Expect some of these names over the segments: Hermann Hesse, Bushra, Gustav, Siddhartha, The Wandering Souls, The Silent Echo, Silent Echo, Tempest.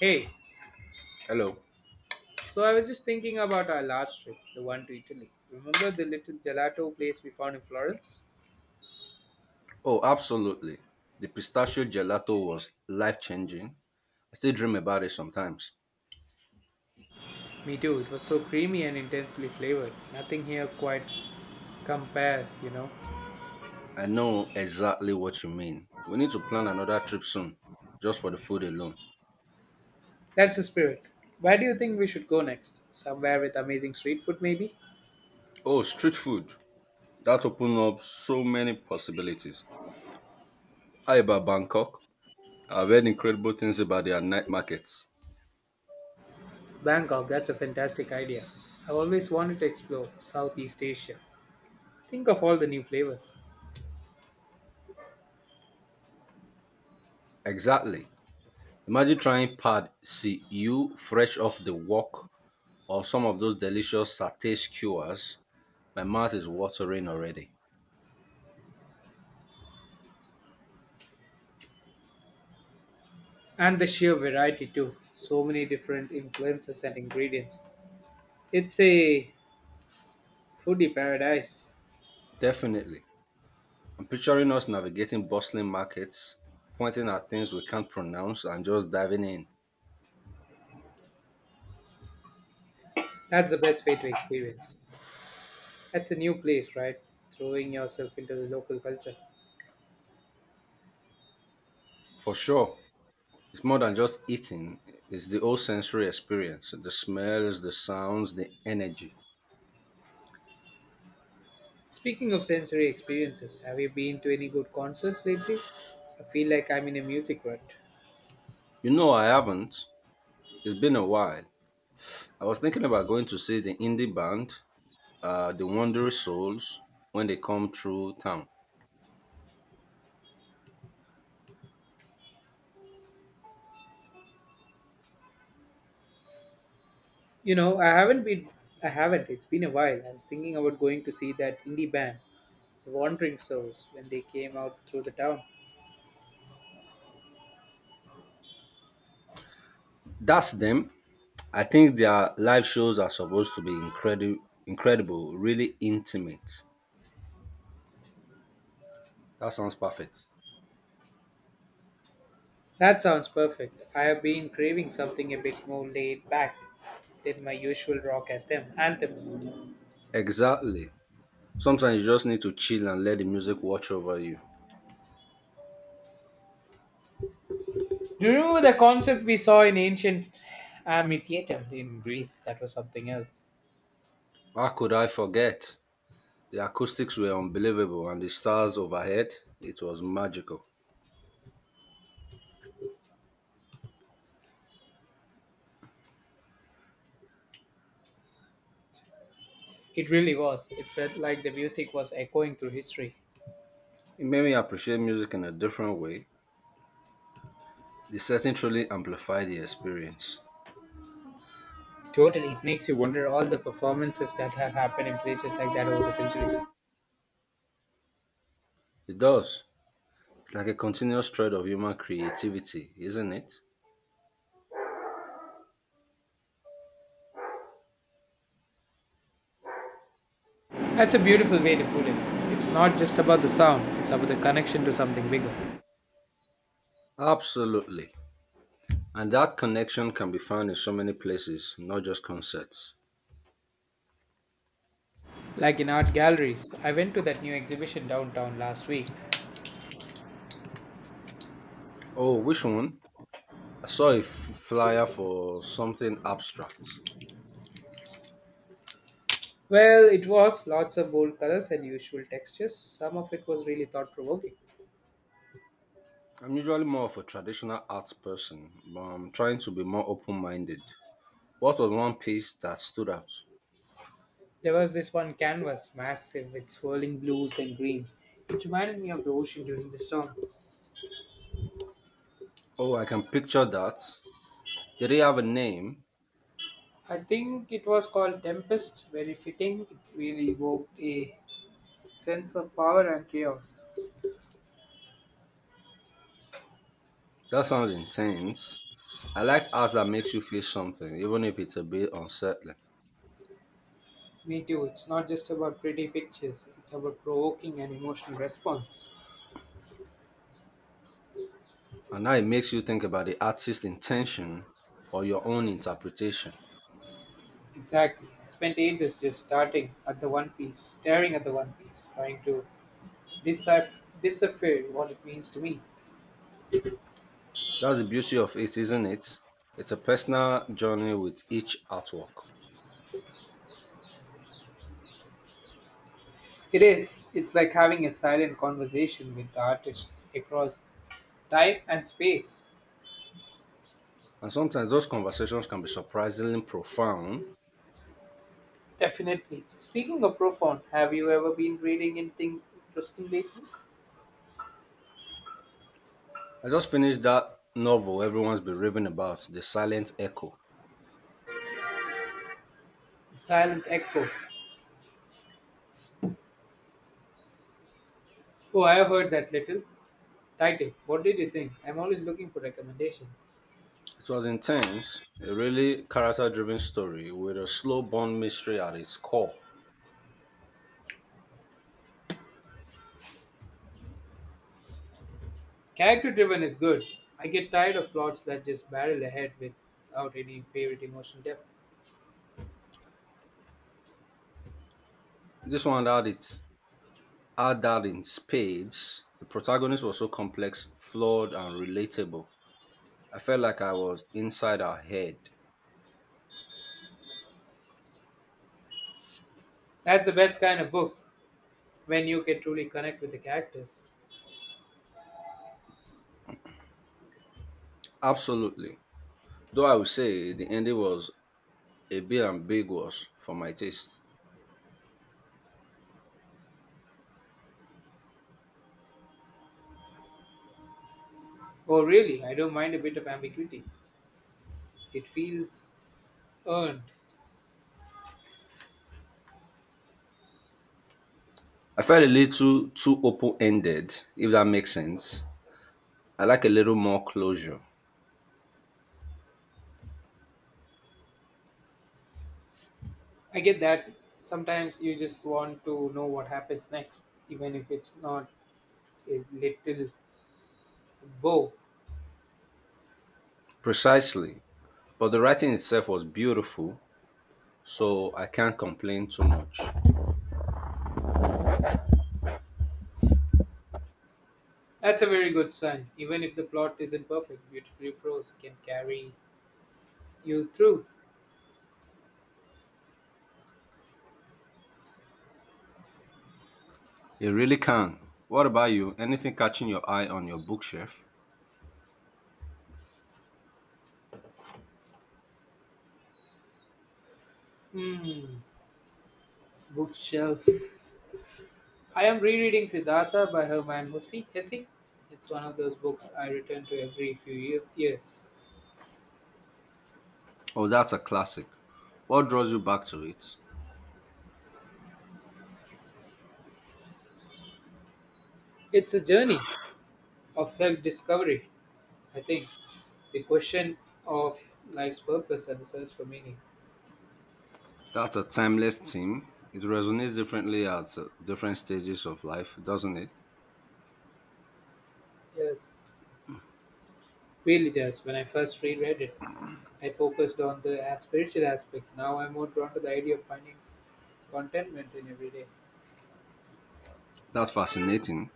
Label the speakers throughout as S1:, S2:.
S1: Hey,
S2: Hello.
S1: so I was just thinking about our last trip, the one to Italy. Remember the little gelato place we found in Florence?
S2: Oh, absolutely. The pistachio gelato was life changing. I still dream about it sometimes.
S1: Me too, it was so creamy and intensely flavored. Nothing here quite compares, you know.
S2: I know exactly what you mean. We need to plan another trip soon, just for the food alone.
S1: That's the spirit. Where do you think we should go next? Somewhere with amazing street food, maybe?
S2: Oh, street food. That opened up so many possibilities. How about Bangkok? I've heard incredible things about their night markets.
S1: Bangkok, that's a fantastic idea. I've always wanted to explore Southeast Asia. Think of all the new flavors.
S2: Exactly. Imagine trying pad see you fresh off the wok or some of those delicious satay skewers. My mouth is watering already.
S1: And the sheer variety, too. So many different influences and ingredients. It's a foodie paradise.
S2: Definitely. I'm picturing us navigating bustling markets, pointing at things we can't pronounce and just diving in.
S1: That's the best way to experience. That's a new place, right? Throwing yourself into the local culture.
S2: For sure, it's more than just eating, it's the whole sensory experience the smells, the sounds, the energy.
S1: Speaking of sensory experiences, have you been to any good concerts lately? I feel like I'm in a music rut.
S2: You know, I haven't. It's been a while. I was thinking about going to see the indie band, the Wandering Souls, when they come through town.
S1: You know, I haven't been. I haven't. It's been a while. I was thinking about going to see that indie band, The Wandering Souls, when they came out through the town.
S2: That's them. I think their live shows are supposed to be incredible, really intimate. That sounds perfect.
S1: That sounds perfect. I have been craving something a bit more laid back than my usual rock anthems.
S2: Exactly. Sometimes you just need to chill and let the music watch over you.
S1: Do you remember the concept we saw in ancient amphitheater in Greece? That was something else.
S2: How could I forget? The acoustics were unbelievable and the stars overhead, it was magical.
S1: It really was. It felt like the music was echoing through history.
S2: It made me appreciate music in a different way. The setting truly amplified the experience.
S1: Totally, it makes you wonder all the performances that have happened in places like that over the centuries.
S2: It does. It's like a continuous thread of human creativity, isn't it?
S1: That's a beautiful way to put it. It's not just about the sound, it's about the connection to something bigger.
S2: Absolutely. And that connection can be found in so many places, not just concerts.
S1: Like in art galleries, I went to that new exhibition downtown last week.
S2: Oh, which one? I saw a flyer for something abstract.
S1: Well, it was lots of bold colors and usual textures. Some of it was really thought provoking.
S2: I'm usually more of a traditional arts person, but I'm trying to be more open minded. What was one piece that stood out?
S1: There was this one canvas, massive with swirling blues and greens. It reminded me of the ocean during the storm.
S2: Oh, I can picture that. Did it have a name?
S1: I think it was called Tempest, very fitting. It really evoked a sense of power and chaos.
S2: That sounds intense. I like art that makes you feel something, even if it's a bit unsettling.
S1: Me too, it's not just about pretty pictures, it's about provoking an emotional response.
S2: And now it makes you think about the artist's intention or your own interpretation.
S1: Exactly. I spent ages just starting at the One Piece, staring at the One Piece, trying to decipher, decipher what it means to me.
S2: That's the beauty of it, isn't it? It's a personal journey with each artwork.
S1: It is. It's like having a silent conversation with the artists across time and space,
S2: And sometimes those conversations can be surprisingly profound.
S1: definitely. So speaking of profound, have you ever been reading anything interesting lately?
S2: I just finished that novel everyone's been raving about, The Silent Echo.
S1: Silent Echo. Oh, I have heard that little. Title. What did you think? I'm always looking for recommendations.
S2: It was intense, a really character driven story with a slow burn mystery at its core.
S1: Character driven is good. I get tired of plots that just barrel ahead without any favorite emotional depth.
S2: This one had that in spades. The protagonist was so complex, flawed, and relatable. I felt like I was inside her head.
S1: That's the best kind of book when you can truly connect with the characters.
S2: Absolutely. Though I would say the ending was a bit ambiguous for my taste.
S1: Oh, really? I don't mind a bit of ambiguity. It feels earned.
S2: I felt a little too open ended, if that makes sense. I like a little more closure.
S1: I get that. Sometimes you just want to know what happens next, even if it's not a little bow.
S2: Precisely. But the writing itself was beautiful, so I can't complain too much.
S1: That's a very good sign. Even if the plot isn't perfect, beautifully prose can carry you through.
S2: It really can. What about you? Anything catching your eye on your bookshelf?
S1: Hmm, bookshelf. I am rereading Siddhartha by Herman Hesse. It's one of those books I return to every few years.
S2: Oh, that's a classic. What draws you back to it?
S1: It's a journey of self discovery, I think. The question of life's purpose and the search for meaning.
S2: That's a timeless theme. It resonates differently at different stages of life, doesn't it?
S1: Yes, really does. When I first reread it, I focused on the spiritual aspect. Now I'm more drawn to the idea of finding contentment in every day.
S2: That's fascinating.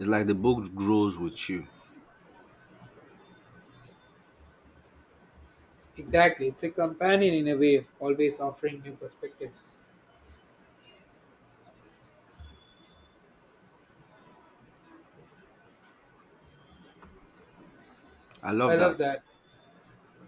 S2: It's like the book grows with you.
S1: Exactly, it's a companion in a way, always offering new perspectives.
S2: I
S1: I
S2: love
S1: love
S2: that.
S1: that.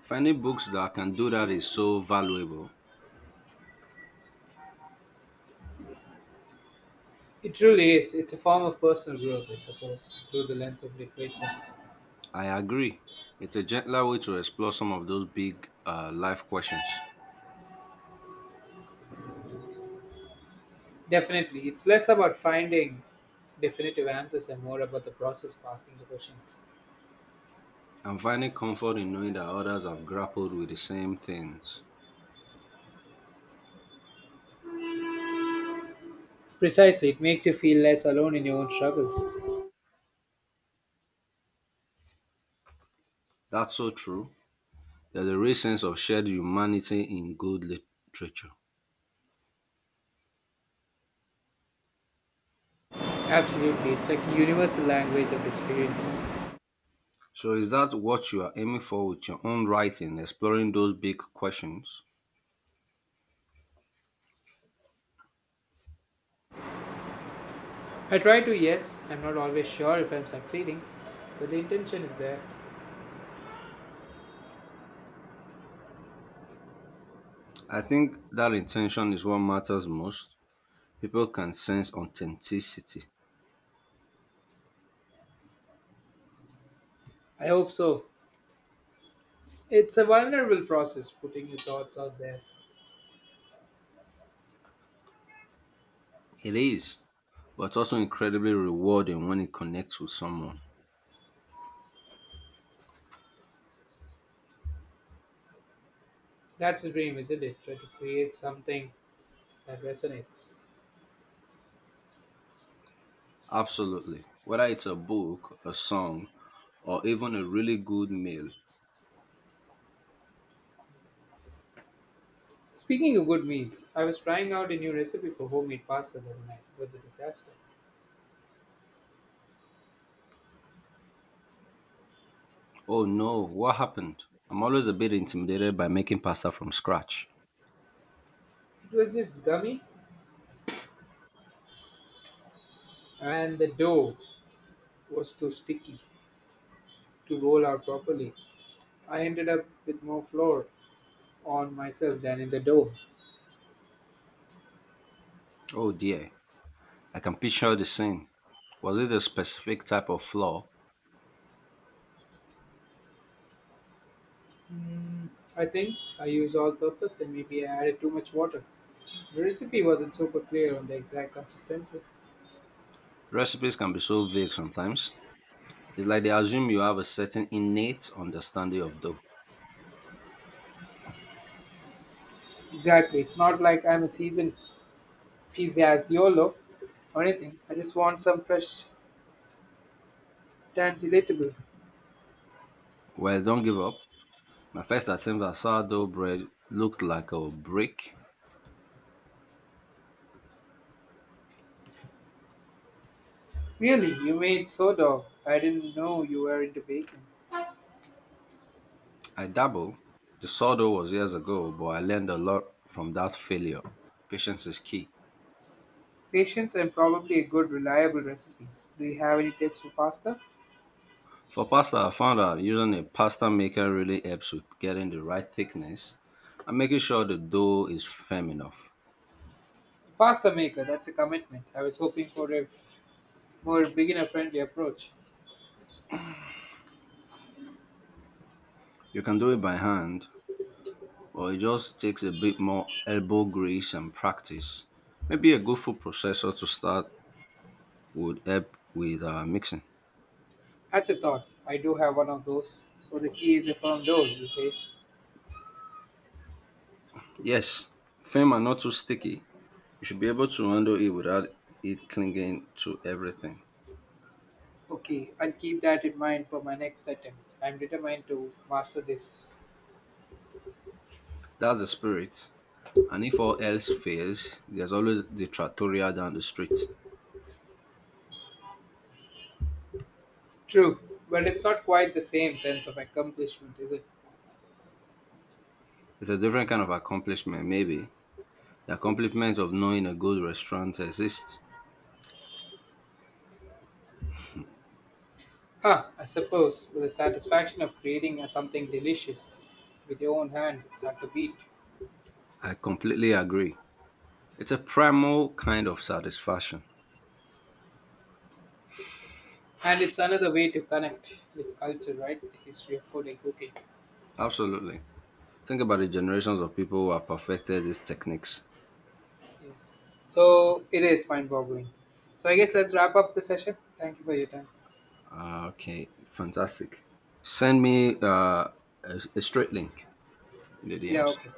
S2: Finding books that can do that is so valuable.
S1: It truly is. It's a form of personal growth, I suppose, through the lens of literature.
S2: I agree. It's a gentler way to explore some of those big life questions.
S1: Definitely, it's less about finding definitive answers and more about the process of asking the questions.
S2: I'm finding comfort in knowing that others have grappled with the same things.
S1: Precisely, it makes you feel less alone in your own struggles.
S2: That's so true. There's a real sense of shared humanity in good literature.
S1: Absolutely, it's like a universal language of experience.
S2: So, is that what you are aiming for with your own writing, exploring those big questions?
S1: I try to, yes, I'm not always sure if I'm succeeding, but the intention is there.
S2: I think that intention is what matters most. People can sense authenticity.
S1: I hope so. It's a vulnerable process putting your thoughts out there.
S2: It is, but also incredibly rewarding when it connects with someone.
S1: That's the dream, isn't it? Try to create something that resonates.
S2: Absolutely. Whether it's a book, a song, or even a really good meal.
S1: Speaking of good meals, I was trying out a new recipe for homemade pasta the other night. It was a disaster.
S2: Oh no, what happened? I'm always a bit intimidated by making pasta from scratch.
S1: It was just gummy, and the dough was too sticky to roll out properly. I ended up with more flour on myself than in the dough.
S2: Oh dear, I can picture the scene. Was it a specific type of flour?
S1: I think I used all purpose and maybe I added too much water. The recipe wasn't super clear on the exact consistency.
S2: Recipes can be so vague sometimes. It's like they assume you have a certain innate understanding of dough.
S1: Exactly. It's not like I'm a seasoned pizzaziolo or anything. I just want some fresh tangilatable.
S2: Well, don't give up. My first attempt at sourdough bread looked like a brick.
S1: Really, you made sourdough. I didn't know you were into baking.
S2: I dabble. The sourdough was years ago, but I learned a lot from that failure. Patience is key.
S1: Patience and probably a good reliable recipes. Do you have any tips for pasta?
S2: For pasta, I found out using a pasta maker really helps with getting the right thickness and making sure the dough is firm enough.
S1: Pasta maker, that's a commitment. I was hoping for more beginner friendly approach.
S2: You can do it by hand, or it just takes a bit more elbow grease and practice. Maybe a good food processor to start would help with mixing.
S1: That's a thought. I do have one of those. So the key is a firm door, you say.
S2: Yes, firm and not too sticky. You should be able to handle it without it clinging to everything.
S1: Okay, I'll keep that in mind for my next attempt. I'm determined to master this.
S2: That's the spirit. And if all else fails, there's always the trattoria down the street.
S1: True, but it's not quite the same sense of accomplishment, is it?
S2: It's a different kind of accomplishment, maybe. The accomplishment of knowing a good restaurant exists.
S1: Huh, I suppose, with the satisfaction of creating something delicious with your own hand is hard to beat.
S2: I completely agree. It's a primal kind of satisfaction.
S1: And it's another way to connect with culture, right? The history of food and cooking.
S2: Absolutely. Think about the generations of people who have perfected these techniques.
S1: Yes. So it is mind boggling. So I guess let's wrap up the session. Thank you for your time.
S2: Ah, okay, fantastic. Send
S1: Yeah.
S2: me a straight link in the
S1: Yeah,
S2: DMs.
S1: okay.